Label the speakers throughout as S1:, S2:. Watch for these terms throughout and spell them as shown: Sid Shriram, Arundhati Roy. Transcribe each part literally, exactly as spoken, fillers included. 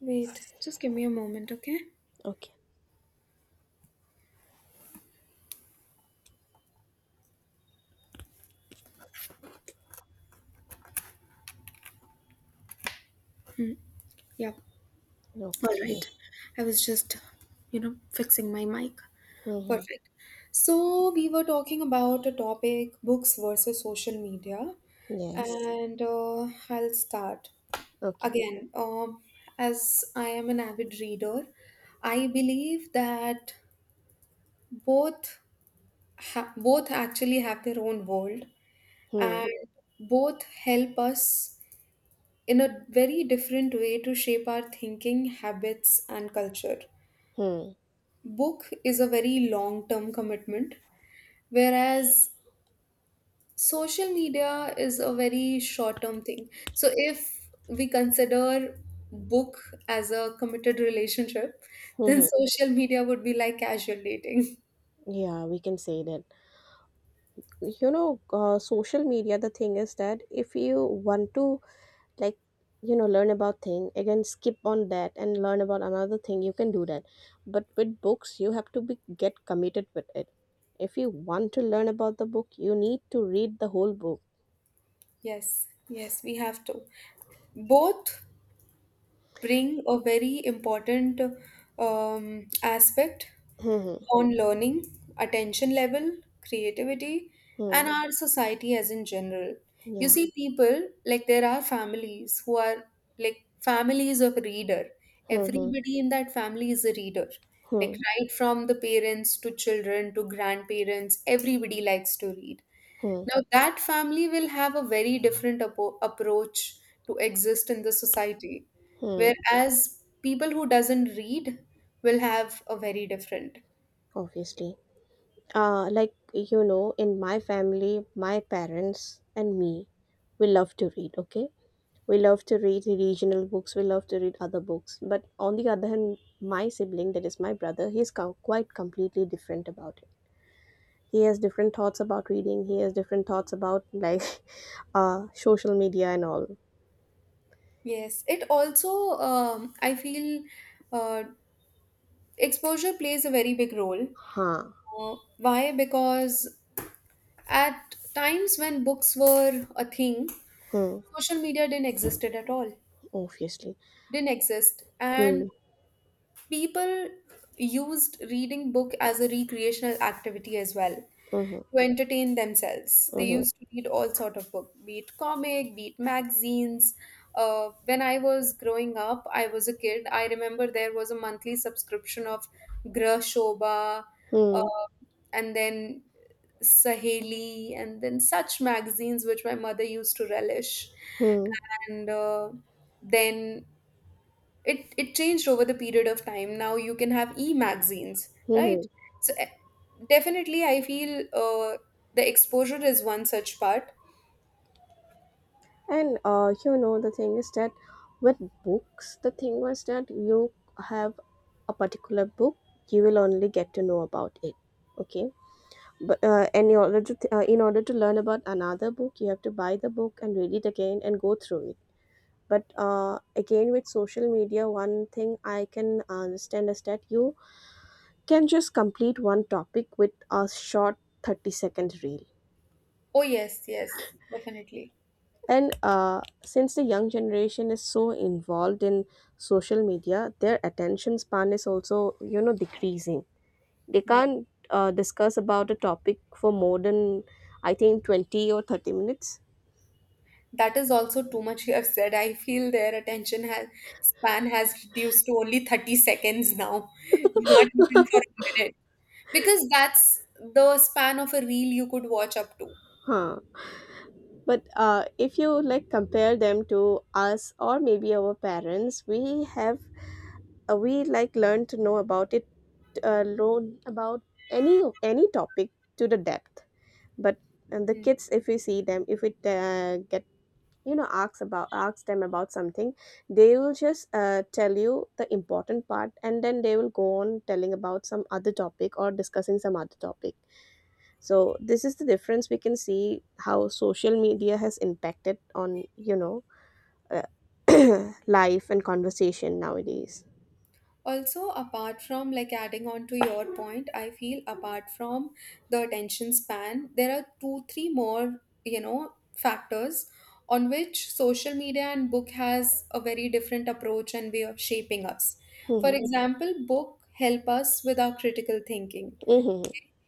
S1: Wait, just give me a moment, okay?
S2: Okay.
S1: Yep. All
S2: Okay.
S1: right. I was just, you know, fixing my mic.
S2: hmm
S1: Perfect. So, we were talking about a topic books versus social media,
S2: Yes.
S1: and uh, I'll start.
S2: Okay.
S1: Again, um, as I am an avid reader, I believe that both ha- both actually have their own world
S2: Hmm.
S1: and both help us in a very different way to shape our thinking, habits, and culture.
S2: Hmm.
S1: Book is a very long term commitment, whereas social media is a very short term thing. So, if we consider book as a committed relationship, then
S2: hmm
S1: social media would be like casual dating.
S2: Yeah, we can say that. You know, uh, social media, the thing is that if you want to, like, you know, learn about thing, again, skip on that and learn about another thing, you can do that. But with books, you have to be get committed with it. If you want to learn about the book, you need to read the whole book.
S1: Yes, yes, we have to. Both bring a very important um, aspect
S2: Hmm.
S1: on learning, attention level, creativity, and
S2: Hmm.
S1: our society as in general. You
S2: Yeah.
S1: see, people like there are families who are like families of reader.
S2: Hmm.
S1: Everybody in that family is a reader. Like
S2: Hmm.
S1: right from the parents to children to grandparents, everybody likes to read.
S2: Hmm.
S1: Now, that family will have a very different appo- approach to exist in the society,
S2: Hmm.
S1: whereas people who doesn't read will have a very different.
S2: Obviously. Uh, like, you know, in my family, my parents and me, we love to read, okay? We love to read regional books, we love to read other books. But on the other hand, my sibling, that is my brother, he's co- quite completely different about it. He has different thoughts about reading, he has different thoughts about, like, uh, social media and all.
S1: Yes, it also, um, I feel, uh, exposure plays a very big role.
S2: Huh.
S1: Uh, why? Because at times when books were a thing,
S2: Hmm.
S1: social media didn't existed at all.
S2: Obviously.
S1: Didn't exist, and
S2: Hmm.
S1: people used reading book as a recreational activity as well
S2: Mm-hmm.
S1: to entertain themselves. They
S2: Mm-hmm.
S1: used to read all sort of book, be it comic, be it magazines. Uh, when I was growing up, I was a kid, I remember there was a monthly subscription of Grah Shobha,
S2: Hmm.
S1: uh, and then Saheli and then such magazines which my mother used to relish.
S2: Hmm.
S1: And uh, then it it changed over the period of time. Now you can have e-magazines,
S2: Hmm.
S1: right?
S2: hmm.
S1: So eh, definitely I feel uh, the exposure is one such part.
S2: And uh, you know, the thing is that with books, the thing was that you have a particular book, you will only get to know about it. Okay, but uh, and in order to uh, in order to learn about another book, you have to buy the book and read it again and go through it. But uh, again, with social media, one thing I can understand is that you can just complete one topic with a short thirty second reel.
S1: Oh, yes, yes, definitely.
S2: And uh, since the young generation is so involved in social media, their attention span is also, you know, decreasing. They
S1: Hmm.
S2: can't uh, discuss about a topic for more than, I think, twenty or thirty minutes.
S1: That is also too much, you have said. I feel their attention has span has reduced to only 30 seconds now, not even for a minute, because that's the span of a reel you could watch up to.
S2: Huh. But uh, if you like compare them to us or maybe our parents, we have uh, we like learn to know about it, uh, learn about any any topic to the depth. But and the
S1: Hmm.
S2: kids if we see them if it uh, get you know asks about asks them about something, they will just uh, tell you the important part, and then they will go on telling about some other topic or discussing some other topic. So this is the difference we can see how social media has impacted on, you know, uh, life and conversation nowadays.
S1: Also, apart from like adding on to your point, I feel apart from the attention span there are two three more, you know, factors on which social media and book has a very different approach and way of shaping us. For example, book help us with our critical thinking.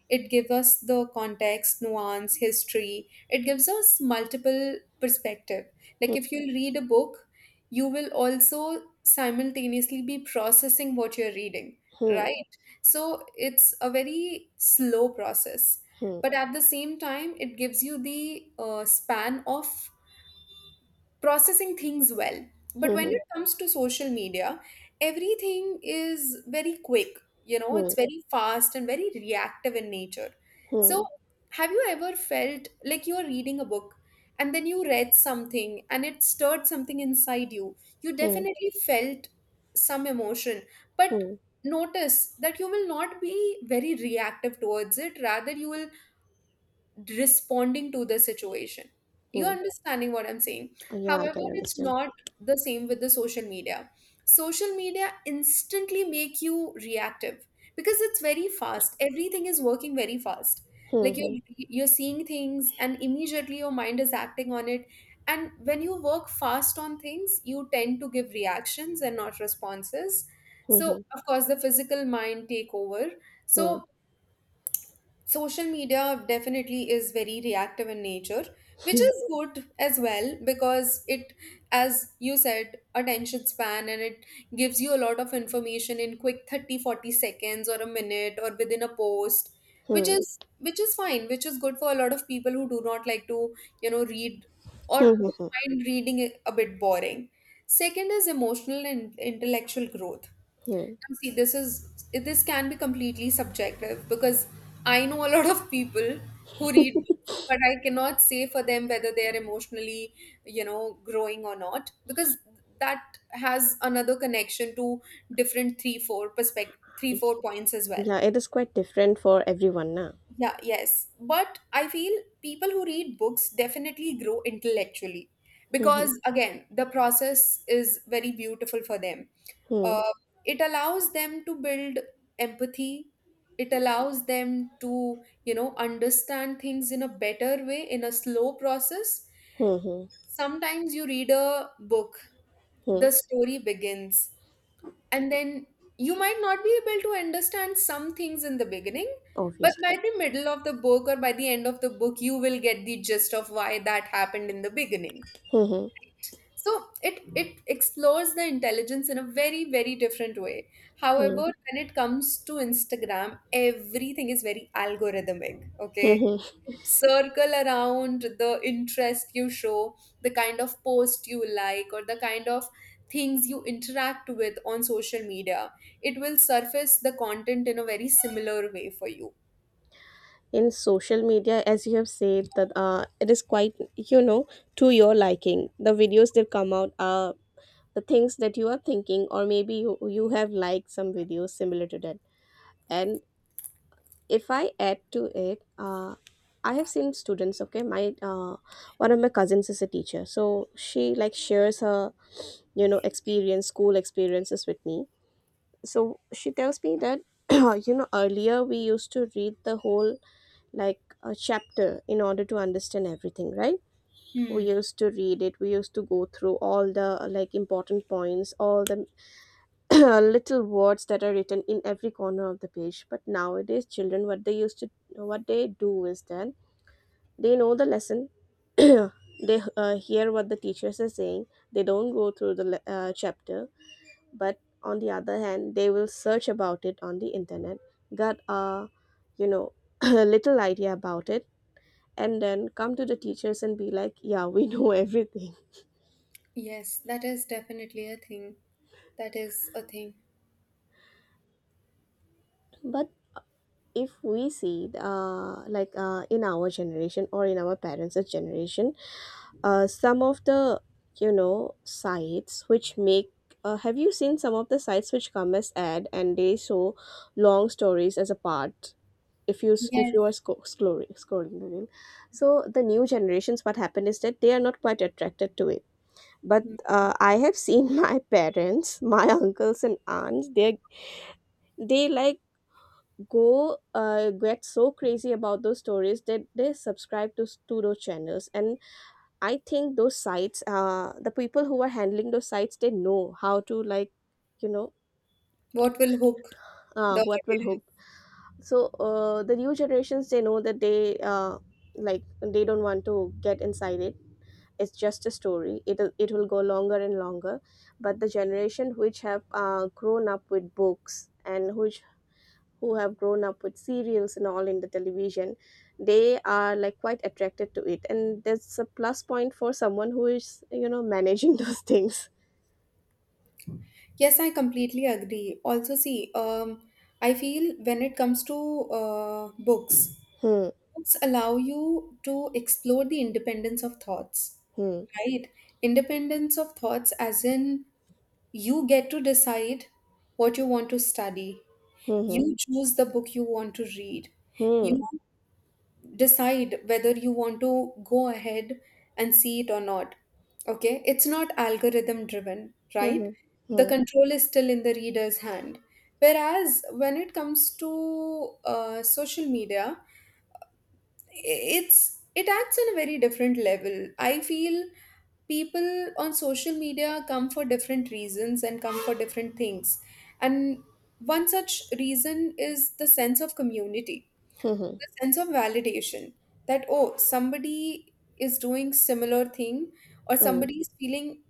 S1: It gives us the context, nuance, history. It gives us multiple perspective. Like if you'll read a book, you will also simultaneously be processing what you're reading,
S2: Hmm, hmm,
S1: right? So it's a very slow process.
S2: hmm, hmm,
S1: But at the same time, it gives you the uh, span of processing things well. But when
S2: hmm,
S1: it comes to social media, everything is very quick, you know, it's
S2: hmm,
S1: very fast and very reactive in nature. So,
S2: hmm,
S1: have you ever felt like you are reading a book and then you read something and it stirred something inside you? You
S2: hmm, hmm,
S1: definitely felt some emotion, but
S2: hmm,
S1: notice that you will not be very reactive towards it, rather, you will responding to the situation. You're
S2: hmm.
S1: understanding what I'm saying.
S2: Yeah, I
S1: However,
S2: can
S1: it's
S2: understand.
S1: not the same with the social media. Social media instantly make you reactive because it's very fast. Everything is working very fast.
S2: Hmm,
S1: Like
S2: hmm.
S1: you're you're seeing things and immediately your mind is acting on it. And when you work fast on things, you tend to give reactions and not responses. So
S2: Mhm,
S1: of course the physical mind take over.
S2: mhm,
S1: So social media definitely is very reactive in nature, which
S2: mhm,
S1: is good as well, because it, as you said, attention span, and it gives you a lot of information in quick thirty, forty seconds or a minute or within a post, which
S2: mhm,
S1: is which is fine, which is good for a lot of people who do not like to you know read, or who
S2: mhm,
S1: find reading a bit boring. Second is emotional and intellectual growth.
S2: mhm.
S1: Now, see, this is this can be completely subjective because I know a lot of people who read books, but I cannot say for them whether they are emotionally, you know, growing or not because that has another connection to different three, four perspective, three, four points as well.
S2: Yeah, it is quite different for everyone now.
S1: Yeah, yes. But I feel people who read books definitely grow intellectually
S2: Mhm,
S1: because, again, the process is very beautiful for them.
S2: mhm,
S1: Uh, it allows them to build empathy, it allows them to, you know, understand things in a better way, in a slow process.
S2: mhm,
S1: Sometimes you read a book,
S2: mhm.
S1: the story begins, and then you might not be able to understand some things in the beginning, but
S2: Obviously.
S1: by the middle of the book or by the end of the book you will get the gist of why that happened in the beginning.
S2: Mhm,
S1: So it it explores the intelligence in a very very different way. However,
S2: mhm,
S1: when it comes to Instagram, everything is very algorithmic, okay?
S2: mhm.
S1: Circle around the interest you show, the kind of post you like or the kind of things you interact with on social media, it will surface the content in a very similar way for you.
S2: In social media, as you have said, that uh, it is quite, you know, to your liking. The videos that come out are the things that you are thinking, or maybe you, you have liked some videos similar to that. And if I add to it, uh, I have seen students. Okay, my uh, one of my cousins is a teacher, so she like shares her, you know, experience, school experiences with me. So she tells me that, you know, earlier we used to read the whole like a chapter in order to understand everything, right? We
S1: Hmm.
S2: used to read it. We used to go through all the like important points, all the little words that are written in every corner of the page. But nowadays children what they used to what they do is that they know the lesson they uh, hear what the teachers are saying, they don't go through the le- uh, chapter, but on the other hand they will search about it on the internet, got a, you know, little idea about it, and then come to the teachers and be like yeah, we know everything.
S1: Yes, that is definitely a thing. That is a thing.
S2: But if we see, uh, like uh, in our generation or in our parents' generation, uh, some of the, you know, sites which make, uh, have you seen some of the sites which come as ad and they show long stories as a part, if you s- if you
S1: Yes.
S2: are sco- scrolling scrolling the reel, so the new generations what happened is that they are not quite attracted to it. But
S1: Hmm.
S2: uh, I have seen my parents, my uncles and aunts, they they like go uh, get so crazy about those stories that they subscribe to, s- to those channels. And I think those sites, uh, the people who are handling those sites, they know how to like, you know,
S1: What will hook the
S2: uh, what will
S1: audience.
S2: hook. So uh, the new generations they know that they uh, like they don't want to get inside it, it's just a story, it'll it will go longer and longer. But the generation which have uh, grown up with books, and which who have grown up with serials and all in the television, they are like quite attracted to it, and that's a plus point for someone who is, you know, managing those things.
S1: Yes, I completely agree. Also, see, um, I feel when it comes to uh, books,
S2: Hmm,
S1: books allow you to explore the independence of thoughts,
S2: hmm,
S1: right? Independence of thoughts, as in you get to decide what you want to study,
S2: hmm,
S1: you choose the book you want to read, you
S2: hmm,
S1: decide whether you want to go ahead and see it or not. Okay, it's not algorithm driven, right?
S2: hmm,
S1: The
S2: hmm,
S1: control is still in the reader's hand. Whereas when it comes to uh, social media, it's it acts on a very different level. I feel people on social media come for different reasons and come for different things. And one such reason is the sense of community,
S2: hmm,
S1: sense of validation, that oh somebody is doing similar thing or somebody is feeling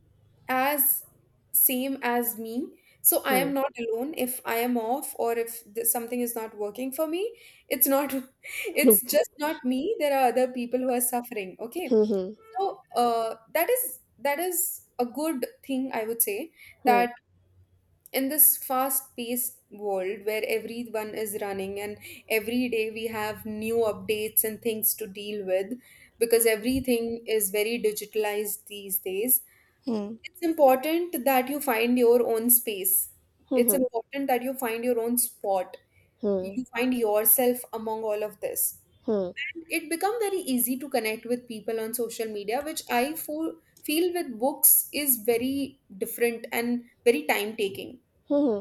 S1: as same as me. So I
S2: hmm,
S1: am not alone. If I am off, or if th- something is not working for me, it's not it's
S2: hmm,
S1: just not me, there are other people who are suffering, okay?
S2: hmm,
S1: So uh, that is that is a good thing, I would say.
S2: hmm, hmm,
S1: That in this fast paced world where everyone is running, and every day we have new updates and things to deal with, because everything is very digitalized these days,
S2: hmm,
S1: it's important that you find your own space.
S2: hmm, hmm,
S1: It's
S2: hmm.
S1: important that you find your own spot, you find yourself among all of this.
S2: Hmm.
S1: It become very easy to connect with people on social media, which I fo- feel with books is very different and very time taking.
S2: Hmm.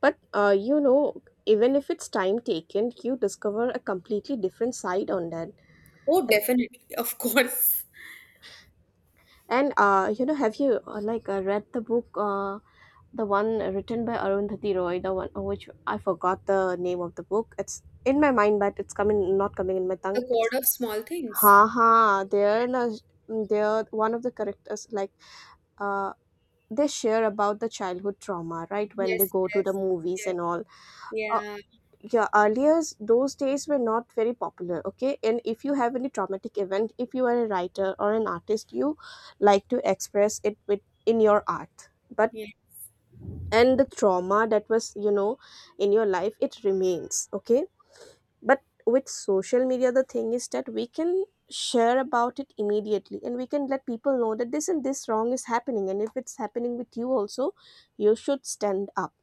S2: But uh, you know, even if it's time taken, you discover a completely different side on that.
S1: Oh, definitely. Of course.
S2: And uh, you know have you, uh, like uh, read the book, uh, the one written by Arundhati Roy, the one, oh, which I forgot the name of the book. It's in my mind, but it's coming not coming in my
S1: The
S2: tongue. It's…
S1: God of Small Things.
S2: ha ha. They're in, they're one of the characters like, uh they share about the childhood trauma, right, when they
S1: Yes,
S2: go to the
S1: yes,
S2: movies
S1: yes.
S2: and all. Uh,
S1: Yeah,
S2: yeah, earlier those days were not very popular. Okay, and if you have any traumatic event, if you are a writer or an artist, you like to express it with, in your art. But
S1: yeah.
S2: and the trauma that was, you know, in your life, it remains, okay. But with social media the thing is that we can share about it immediately, and we can let people know that this and this wrong is happening, and if it's happening with you also, you should stand up.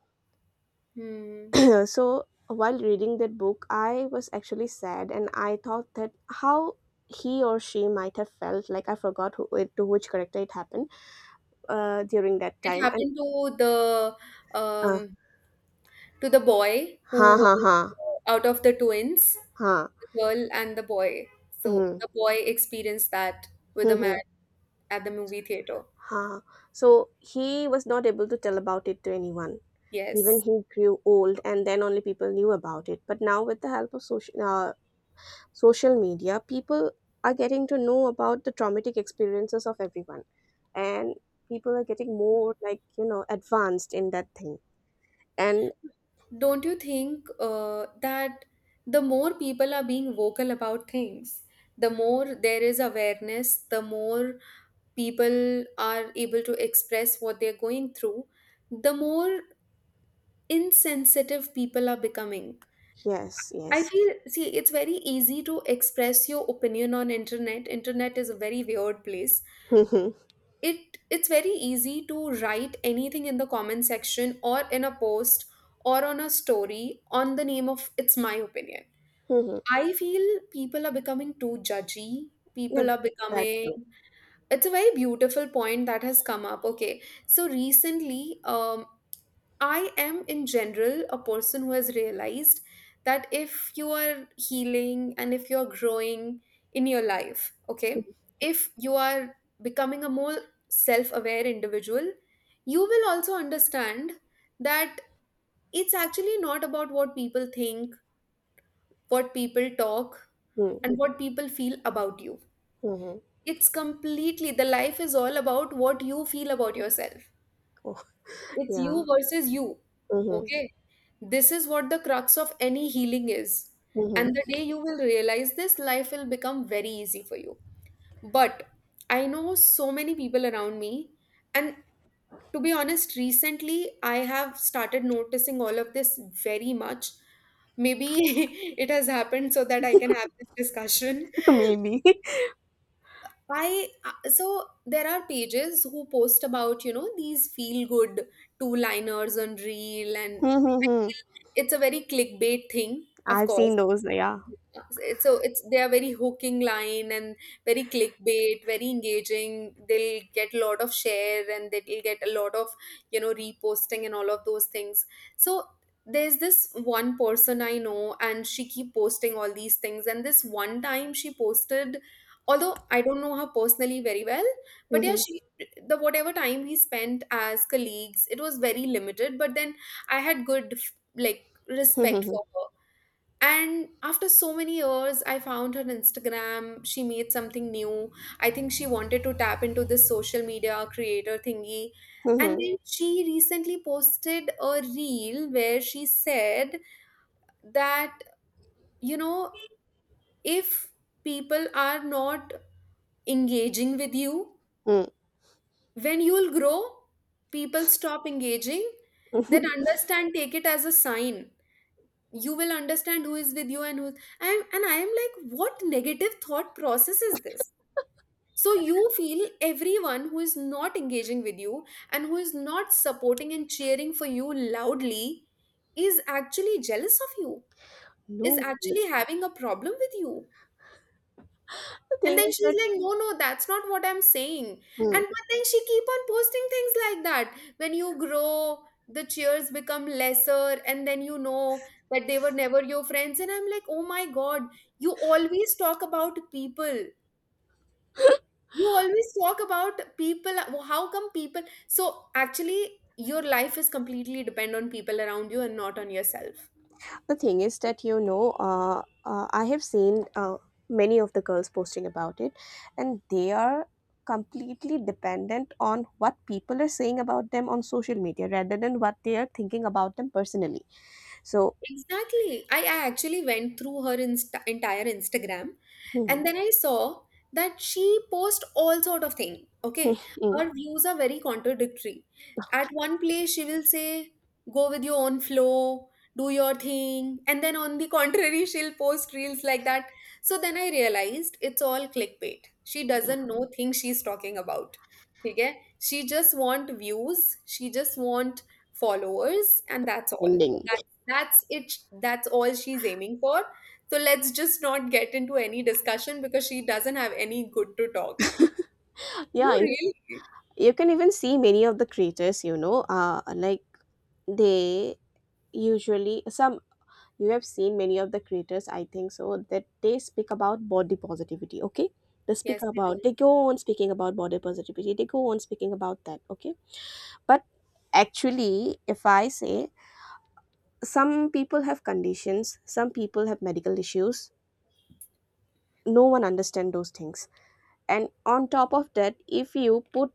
S1: Hmm.
S2: So while reading that book, I was actually sad, and I thought that how he or she might have felt like. I forgot who it, to which character it happened uh, during that
S1: It
S2: time. And
S1: happened to the
S2: uh,
S1: um to the boy
S2: ha
S1: who
S2: ha
S1: was
S2: ha
S1: uh, out of the twins,
S2: ha
S1: the girl and the boy. So
S2: hmm.
S1: the boy experienced that with the man at the movie theater.
S2: Huh. So he was not able to tell about it to anyone. Even
S1: Yes.
S2: he grew old, and then only people knew about it. But now, with the help of social uh, social media, people are getting to know about the traumatic experiences of everyone, and people are getting more like, you know, advanced in that thing. And…
S1: Don't you think uh, that the more people are being vocal about things, the more there is awareness, the more people are able to express what they're going through, the more insensitive people are becoming.
S2: yes,
S1: I
S2: yes.
S1: feel, see, it's very easy to express your opinion on internet. Internet is a very weird place.
S2: Mhm.
S1: It it's very easy to write anything in the comment section or in a post or on a story on the name of it's my opinion.
S2: Mhm.
S1: I feel people are becoming too judgy.
S2: Yeah,
S1: People are
S2: that
S1: becoming
S2: too.
S1: It's a very beautiful point that has come up, okay? So recently, um I am in general a person who has realized that if you are healing and if you're growing in your life, okay, if you are becoming a more self-aware individual, you will also understand that it's actually not about what people think, what people talk,
S2: Mhm.
S1: and what people feel about you.
S2: Mhm.
S1: It's completely the life is all about what you feel about yourself.
S2: Oh,
S1: It's
S2: yeah.
S1: you versus you.
S2: Mhm.
S1: Okay? This is what the crux of any healing is. And
S2: Mhm.
S1: the day you will realize this, life will become very easy for you. But I know so many people around me. And to be honest, recently I have started noticing all of this very much. Maybe it has happened so that I can have this discussion.
S2: Maybe.
S1: I uh, so there are pages who post about you know these feel good two liners on reel, and
S2: Mhm,
S1: I
S2: mhm.
S1: feel it's a very clickbait thing. Of
S2: I've
S1: course,
S2: seen those. Yeah.
S1: it's- so it's they are very hooking line and very clickbait, very engaging. They'll get a lot of share, and they'll get a lot of you know reposting and all of those things. So there's this one person I know, and she keep posting all these things. And this one time she posted, although I don't know her personally very well, but yeah,
S2: Mhm.
S1: she the whatever time we spent as colleagues, it was very limited. But then I had good, like, respect
S2: Mhm.
S1: for her. And after so many years, I found her on Instagram. She made something new. I think she wanted to tap into this social media creator thingy. And
S2: Mhm.
S1: then she recently posted a reel where she said that, you know, if people are not engaging with you,
S2: Mhm.
S1: when you'll grow, people stop engaging, then
S2: Mhm.
S1: understand, take it as a sign, you will understand who is with you and who's I'm, and i am like, what negative thought process is this? So you feel everyone who is not engaging with you and who is not supporting and cheering for you loudly is actually jealous of you, is
S2: No. The
S1: actually having a problem with you. And
S2: thing
S1: then
S2: is
S1: she's
S2: that…
S1: like, no, no, that's not what I'm saying.
S2: Hmm.
S1: And but then she keep on posting things like that. When you grow, the cheers become lesser, and then you know that they were never your friends. And I'm like, oh my God, you always talk about people. You always talk about people. How come people? So actually, your life is completely depend on people around you and not on yourself.
S2: The thing is that, you know, uh, uh, I have seen uh, many of the girls posting about it, and they are completely dependent on what people are saying about them on social media rather than what they are thinking about them personally. So,
S1: Exactly. I, I actually went through her inst- entire Instagram,
S2: hmm.
S1: and then I saw that she posts all sort of thing. Okay.
S2: Hmm.
S1: Her views are very contradictory. At
S2: Okay.
S1: one place she will say, go with your own flow, do your thing. And then on the contrary, she'll post reels like that. So then I realized it's all clickbait. She
S2: Yeah,
S1: doesn't know things she's talking about. Okay. She just want views. She just want followers, and that's all.
S2: ending.
S1: That's it. That's all she's aiming for. So let's just not get into any discussion because she doesn't have any good to talk. No,
S2: Yeah, you
S1: really.
S2: you can even see many of the creators. You know, uh, like they usually some, you have seen many of the creators I think so, that they speak about body positivity, okay, they speak
S1: Yes, I do.
S2: about, they go on speaking about body positivity, they go on speaking about that, okay. But actually if I say, some people have conditions, some people have medical issues, no one understand those things. And on top of that, if you put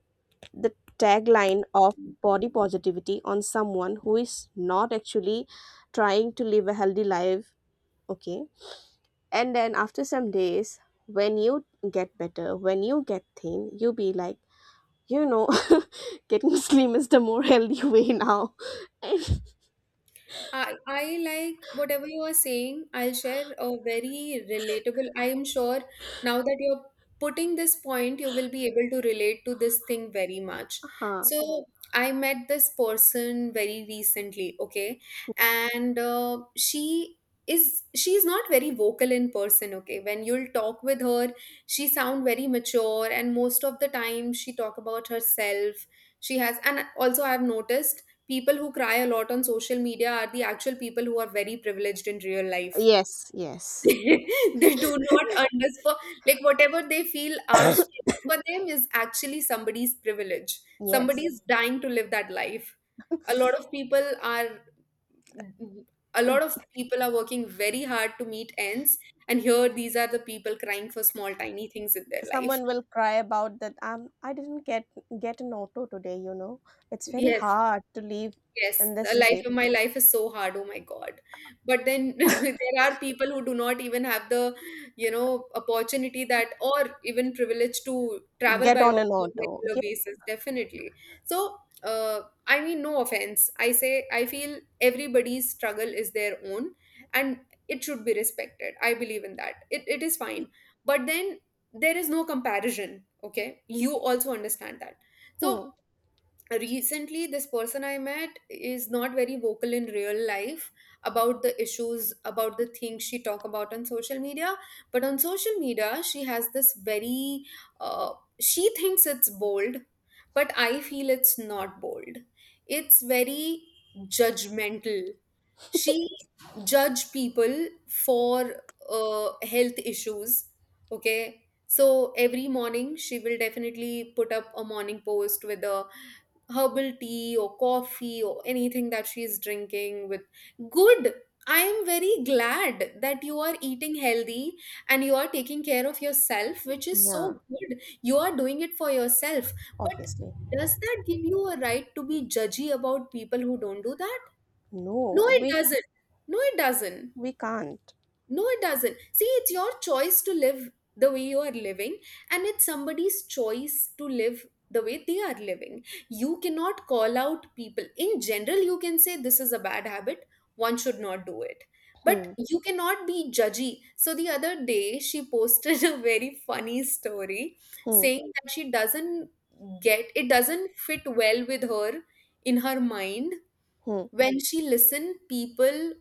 S2: the tagline of body positivity on someone who is not actually trying to live a healthy life, okay. And then after some days, when you get better, when you get thin, you'll be like, you know, getting slim is the more healthy way now. And,
S1: I, I like whatever you are saying. I'll share a very relatable. I am sure now that you're putting this point, you will be able to relate to this thing very much.
S2: huh.
S1: So, I met this person very recently, okay? And uh, she is she's not very vocal in person. Okay, when you'll talk with her, she sound very mature, and most of the time she talk about herself. She has and also, I've noticed people who cry a lot on social media are the actual people who are very privileged in real life.
S2: Yes, yes,
S1: They do not understand, like, whatever they feel are struggle for them is actually somebody's privilege. Somebody
S2: yes.
S1: is dying to live that life. A lot of people are. A lot of people are working very hard to meet ends, and here these are the people crying for small, tiny things in their life.
S2: Someone will cry about that. Um, I didn't get get an auto today. You know, it's very
S1: Yes.
S2: hard to leave
S1: Yes,
S2: in
S1: the
S2: this
S1: life
S2: city.
S1: of my life is so hard. Oh my God. But then there are people who do not even have the, you know, opportunity that or even privilege to travel
S2: Get
S1: by
S2: on
S1: on
S2: an
S1: a
S2: auto.
S1: regular
S2: Yeah,
S1: basis, definitely. So, uh, I mean, no offense. I say I feel everybody's struggle is their own, and it should be respected. I believe in that. It, it is fine. But then there is no comparison. Okay. You also understand that. So,
S2: hmm.
S1: recently this person I met is not very vocal in real life about the issues, about the things she talk about on social media. But on social media, she has this very uh, she thinks it's bold, but I feel it's not bold. It's very judgmental. She judge people for uh, health issues. Okay. So every morning she will definitely put up a morning post with a herbal tea or coffee or anything that she's drinking with. Good. I am very glad that you are eating healthy and you are taking care of yourself, which is so
S2: Yeah.
S1: good. You are doing it for yourself. But
S2: Obviously,
S1: does that give you a right to be judgy about people who don't do that? No,
S2: no.
S1: it
S2: We
S1: doesn't. No, it doesn't.
S2: we can't.
S1: No, it doesn't. See, it's your choice to live the way you are living, and it's somebody's choice to live the way they are living. You cannot call out people. In general, you can say this is a bad habit, one should not do it. But
S2: Hmm.
S1: you cannot be judgy. So the other day, she posted a very funny story
S2: Hmm.
S1: saying that she doesn't get it, doesn't fit well with her, in her mind,
S2: Hmm.
S1: when she listen people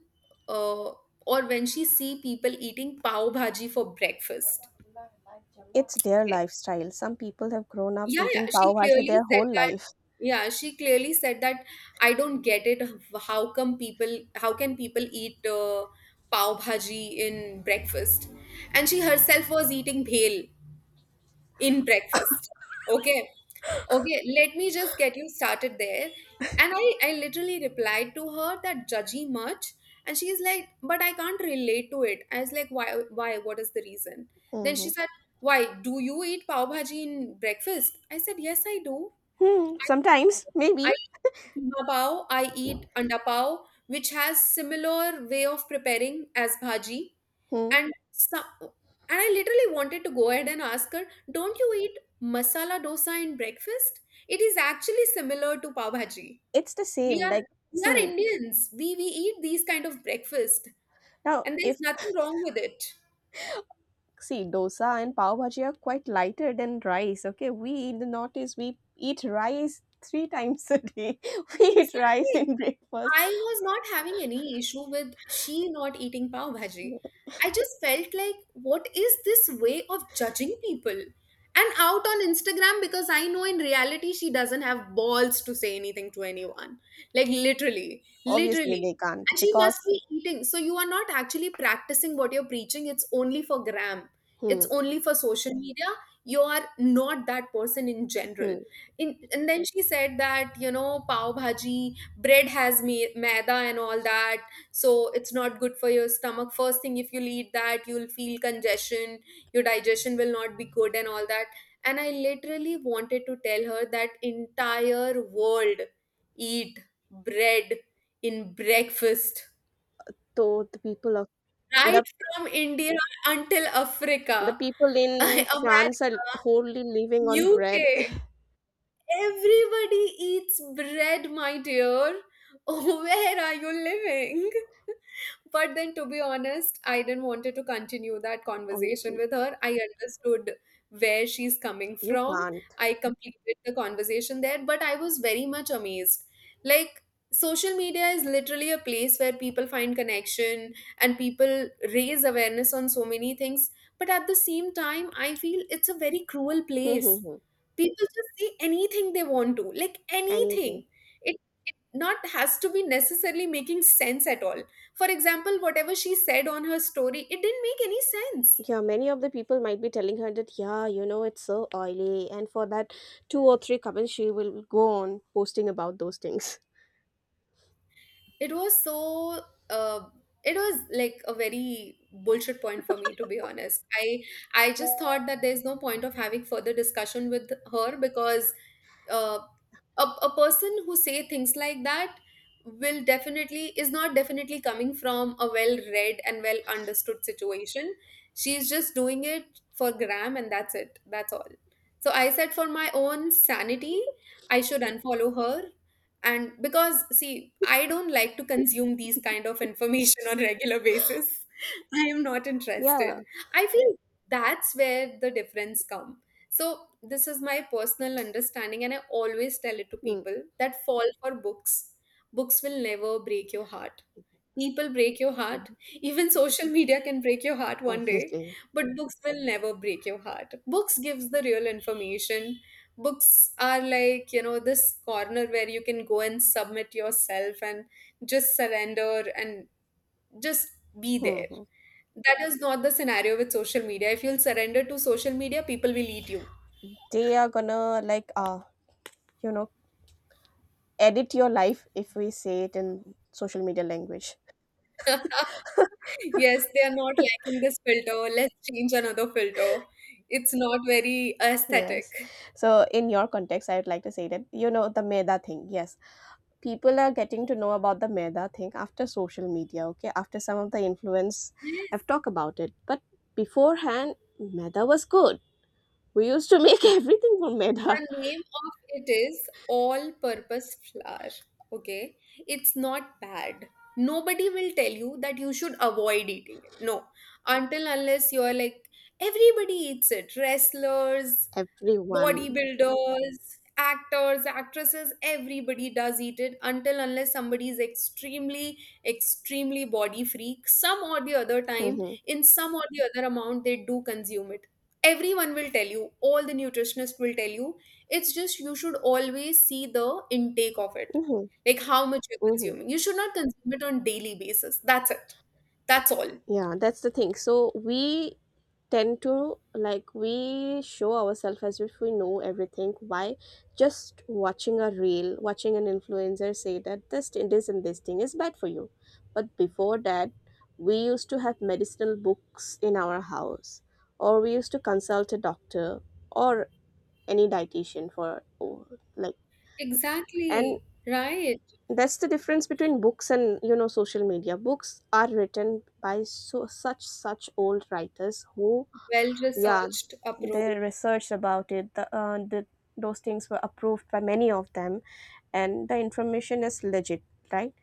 S1: uh, or when she see people eating pav bhaji for breakfast.
S2: It's their
S1: Okay?
S2: lifestyle. Some people have grown up
S1: Yeah, yeah,
S2: eating
S1: she
S2: pav bhaji
S1: clearly
S2: their
S1: said
S2: whole
S1: that.
S2: life.
S1: Yeah, she clearly said that. I don't get it, how come people, how can people eat uh, pav bhaji in breakfast? And she herself was eating bhel in breakfast. Okay. Okay, let me just get you started there. And I, I literally replied to her that judgy much. And she's like, but I can't relate to it. I was like, why, why, what is the reason? Then
S2: hmm
S1: she said, why, do you eat pav bhaji in breakfast? I said, yes, I do.
S2: Hmm. Sometimes,
S1: I, I
S2: maybe.
S1: eat keema pav, I eat anda pav, which has similar way of preparing as bhaji.
S2: Hmm.
S1: And some and I literally wanted to go ahead and ask her, don't you eat masala dosa in breakfast? It is actually similar to pav bhaji.
S2: It's the
S1: we
S2: same.
S1: are
S2: Like,
S1: we are
S2: see,
S1: Indians, we we eat these kind of breakfast,
S2: now
S1: and there's
S2: if,
S1: nothing wrong with it.
S2: see, dosa and pav bhaji are quite lighter than rice, okay? We in the Northeast, we eat rice three times a day. We eat rice
S1: Exactly.
S2: in breakfast.
S1: I was not having any issue with she not eating pav bhaji. I just felt like, what is this way of judging people? And out on Instagram, because I know in reality she doesn't have balls to say anything to anyone. Like literally,
S2: Obviously,
S1: literally.
S2: they can't
S1: And she must
S2: because,
S1: be eating. So you are not actually practicing what you're preaching. It's only for gram. It's
S2: hmm,
S1: only for social media. You are not that person in general.
S2: hmm.
S1: In, and then she said that, you know, pav bhaji bread has me- maida and all that. So it's not good for your stomach. First thing, if you eat that, you'll feel congestion, your digestion will not be good and all that. And I literally wanted to tell her that entire world eat bread in breakfast,
S2: So the people of,
S1: right
S2: the,
S1: from India until
S2: the
S1: Africa,
S2: people in France
S1: America,
S2: are wholly living on
S1: UK.
S2: bread.
S1: Everybody eats bread, my dear. Where are you living? But then, to be honest, I didn't wanted to continue that conversation
S2: Obviously,
S1: with her. I understood where she's coming
S2: you
S1: from.
S2: can't.
S1: I completed the conversation there, but I was very much amazed. Like, social media is literally a place where people find connection and people raise awareness on so many things. But at the same time, I feel it's a very cruel place.
S2: Mm-hmm.
S1: People just say anything they want to, like
S2: Anything.
S1: anything. It it not has to be necessarily making sense at all. For example, whatever she said on her story, it didn't make any sense.
S2: Yeah, many of the people might be telling her that, yeah, you know, it's so oily. And for that two or three comments, she will go on posting about those things.
S1: It was so uh, it was like a very bullshit point, for me to be honest. I I just thought that there's no point of having further discussion with her because uh, a, a person who say things like that will definitely is not definitely coming from a well read and well understood situation. She's just doing it for gram, and that's it. That's all. So I said for my own sanity, I should unfollow her. And because, see, I don't like to consume these kind of information on regular basis. I am not interested.
S2: Yeah.
S1: I feel that's where the difference comes. So, this is my personal understanding, and I always tell it to
S2: Hmm.
S1: people that fall for books. Books will never break your heart. People break your heart. Even social media can break your heart one day,
S2: Obviously.
S1: but books will never break your heart. Books gives the real information. Books are like, you know, this corner where you can go and submit yourself and just surrender and just be there.
S2: Mm-hmm.
S1: That is not the scenario with social media. If you'll surrender to social media, people will eat you.
S2: They are gonna, like, uh, you know, edit your life if we say it in social media language.
S1: Yes, they are not liking this filter. Let's change another filter. It's not very
S2: Yes.
S1: aesthetic.
S2: So, in your context, I would like to say that, you know, the Meda thing. Yes. People are getting to know about the Meda thing after social media, okay? After some of the influence
S1: Yes,
S2: have talked about it. But beforehand, Meda was good. We used to make everything from Meda.
S1: the name of it is all purpose flour. Okay, it's not bad. Nobody will tell you that you should avoid eating it. No, until unless you're like, everybody eats it. Wrestlers,
S2: Everyone.
S1: bodybuilders, actors, actresses, everybody does eat it until unless somebody is extremely, extremely body freak. Some or the other time,
S2: Mm-hmm.
S1: in some or the other amount, they do consume it. Everyone will tell you, all the nutritionists will tell you. It's just you should always see the intake of it,
S2: Hmm,
S1: like how much you're
S2: hmm.
S1: consuming. You should not consume it on daily basis. That's it. That's all.
S2: Yeah, that's the thing. So we tend to like we show ourselves as if we know everything. Why? Just watching a reel, watching an influencer say that this thing- this and this thing is bad for you. But before that, we used to have medicinal books in our house, or we used to consult a doctor or any dietitian for oh, like. And
S1: Exactly. Right.
S2: that's the difference between books and, you know, social media. Books are written by so such such old writers who…
S1: Well
S2: yeah,
S1: researched
S2: they
S1: approach.
S2: researched about it. The, uh, the Those things were approved by many of them, and the information is legit, right?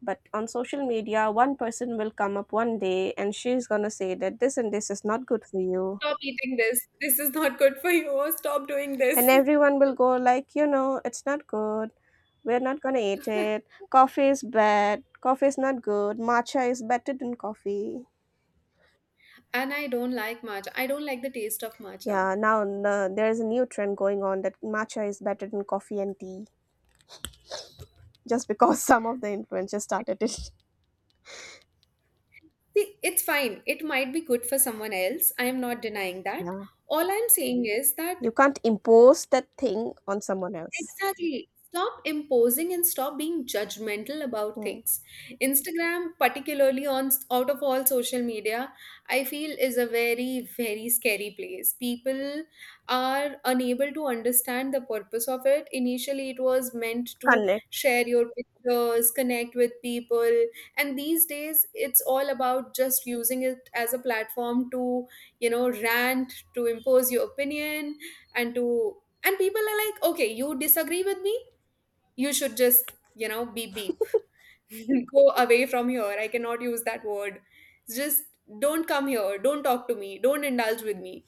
S2: But on social media, one person will come up one day and she's going to say that this and this is not good for you,
S1: Stop eating this. This is not good for you. Or stop doing
S2: and
S1: this.
S2: everyone will go like, you know, it's not good. We're not gonna eat it. Coffee is bad. Coffee is not good. Matcha is better than coffee.
S1: And I don't like matcha. I don't like the taste of matcha.
S2: Yeah, now uh, there is a new trend going on that matcha is better than coffee and tea, just because some of the influencers started it.
S1: See, it's fine. It might be good for someone else. I am not denying that.
S2: Yeah.
S1: All I'm saying is that.
S2: You can't impose that thing on someone else.
S1: Exactly. Stop imposing and stop being judgmental about
S2: Hmm.
S1: things. Instagram, particularly on out of all social media, I feel is a very, very scary place. People are unable to understand the purpose of it. Initially, it was meant to
S2: Connect.
S1: share your pictures, connect with people, and these days it's all about just using it as a platform to, you know, rant, to impose your opinion, and to and people are like, okay, you disagree with me? You should just, you know, beep beep. Go away from here. I cannot use that word. Just don't come here. Don't talk to me. Don't indulge with me.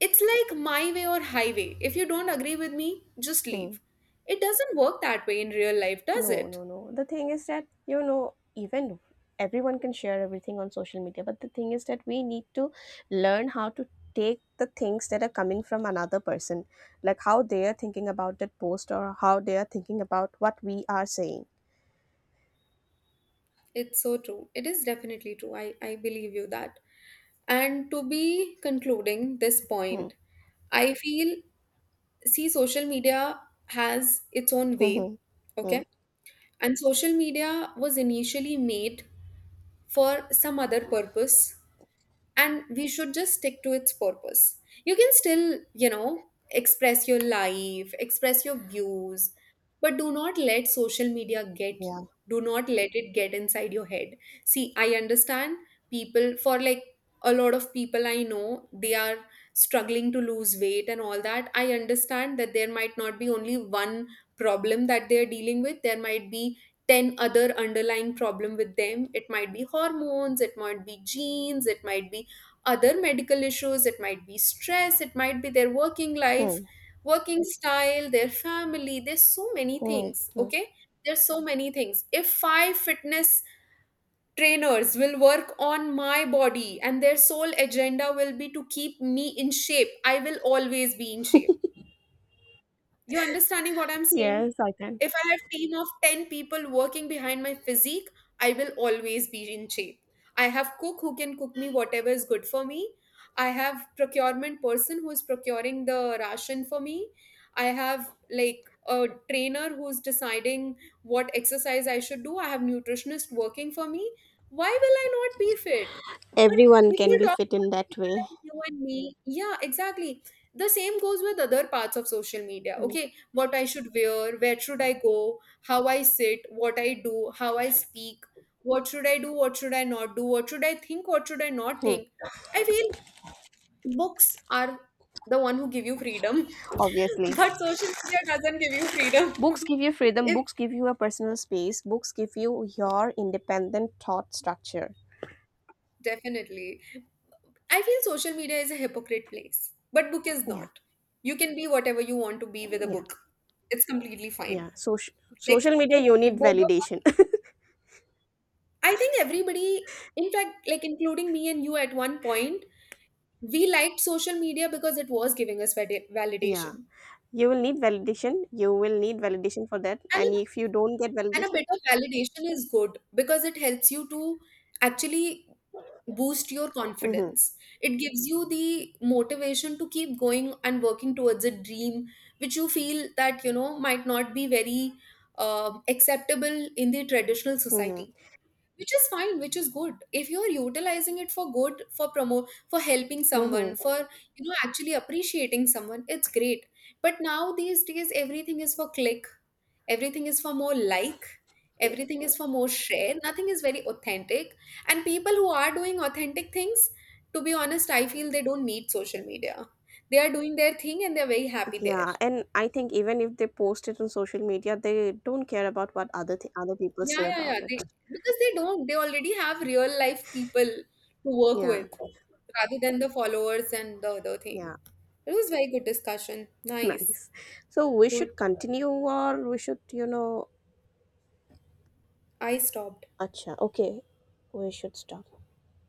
S1: It's like my way or highway. If you don't agree with me, just
S2: Hmm.
S1: leave. It doesn't work that way in real life, does
S2: No,
S1: it?
S2: no, no. The thing is that, you know, even everyone can share everything on social media, but the thing is that we need to learn how to take the things that are coming from another person, like how they are thinking about that post, or how they are thinking about what we are saying.
S1: It's so true. It is definitely true. I, I believe you that. And to be concluding this
S2: Hmm.
S1: point, I feel, see, social media has its own
S2: Hmm. Hmm.
S1: way,
S2: Hmm.
S1: okay? And social media was initially made for some other purpose, and we should just stick to its purpose. You can still, you know, express your life, express your views, but do not let social media get
S2: Yeah.
S1: you, do not let it get inside your head. See, I understand people, for, like, a lot of people I know, they are struggling to lose weight and all that. I understand that there might not be only one problem that they are dealing with. There might be ten other underlying problem with them. It might be hormones, it might be genes, it might be other medical issues, it might be stress, it might be their working life,
S2: Hmm.
S1: working style, their family. There's so many
S2: Hmm.
S1: things,
S2: Hmm.
S1: okay? There's so many things. If five fitness trainers will work on my body and their sole agenda will be to keep me in shape, I will always be in shape. You understanding what I'm saying?
S2: Yes, I can.
S1: If I have team of ten people working behind my physique, I will always be in shape. I have cook who can cook me whatever is good for me. I have procurement person who is procuring the ration for me. I have like a trainer who's deciding what exercise I should do. I have nutritionist working for me. Why will I not be fit? But
S2: Everyone
S1: if you
S2: can be
S1: talk
S2: fit in
S1: about
S2: that
S1: people
S2: way.
S1: like you and me, yeah, exactly, the same goes with other parts of social media.
S2: Mm.
S1: Okay, what I should wear, where should I go, how I sit, what I do, how I speak, what should I do, what should I not do, what should I think, what should I not think. I feel books are the one who give you freedom,
S2: Obviously,
S1: but social media doesn't give you
S2: books
S1: freedom.
S2: give you freedom,
S1: It's
S2: books give you a personal space, books give you your independent thought structure.
S1: definitely, I feel, social media is a hypocrite place, but book is
S2: Yeah,
S1: not. You can be whatever you want to be with a
S2: yeah,
S1: book. It's completely fine.
S2: yeah. Social
S1: Like
S2: social media,
S1: if
S2: you
S1: we
S2: need
S1: both of
S2: validation.
S1: I think everybody, in fact, like including me and you at one point, we liked social media because it was giving us vali-
S2: Yeah,
S1: validation.
S2: you will need validation. You will need validation for that.
S1: And a,
S2: And if you don't get
S1: and a bit
S2: validation,
S1: of validation is good because it helps you to actually boost your
S2: mm-hmm,
S1: confidence. It gives you the motivation to keep going and working towards a dream which you feel that, you know, might not be very uh, acceptable in the traditional
S2: mm-hmm,
S1: society. Which is fine, which is good if you're utilizing it for good, for promote, for helping someone,
S2: mm-hmm.
S1: for, you know, actually appreciating someone. It's great. But now these days, everything is for click, everything is for more, like everything is for more share, nothing is very authentic. And people who are doing authentic things, to be honest, I feel they don't need social media. They are doing their thing and they're very happy there.
S2: Yeah. And I think even if they post it on social media, they don't care about what other th- other people
S1: Yeah,
S2: say
S1: yeah, yeah.
S2: about it.
S1: They, because they don't. They already have real life people to work
S2: Yeah,
S1: with, rather than the followers and the other thing.
S2: yeah.
S1: It was very good discussion. Nice.
S2: Nice. So we should
S1: Good.
S2: continue, or we should, you know,
S1: I stopped.
S2: acha. Okay, we should stop.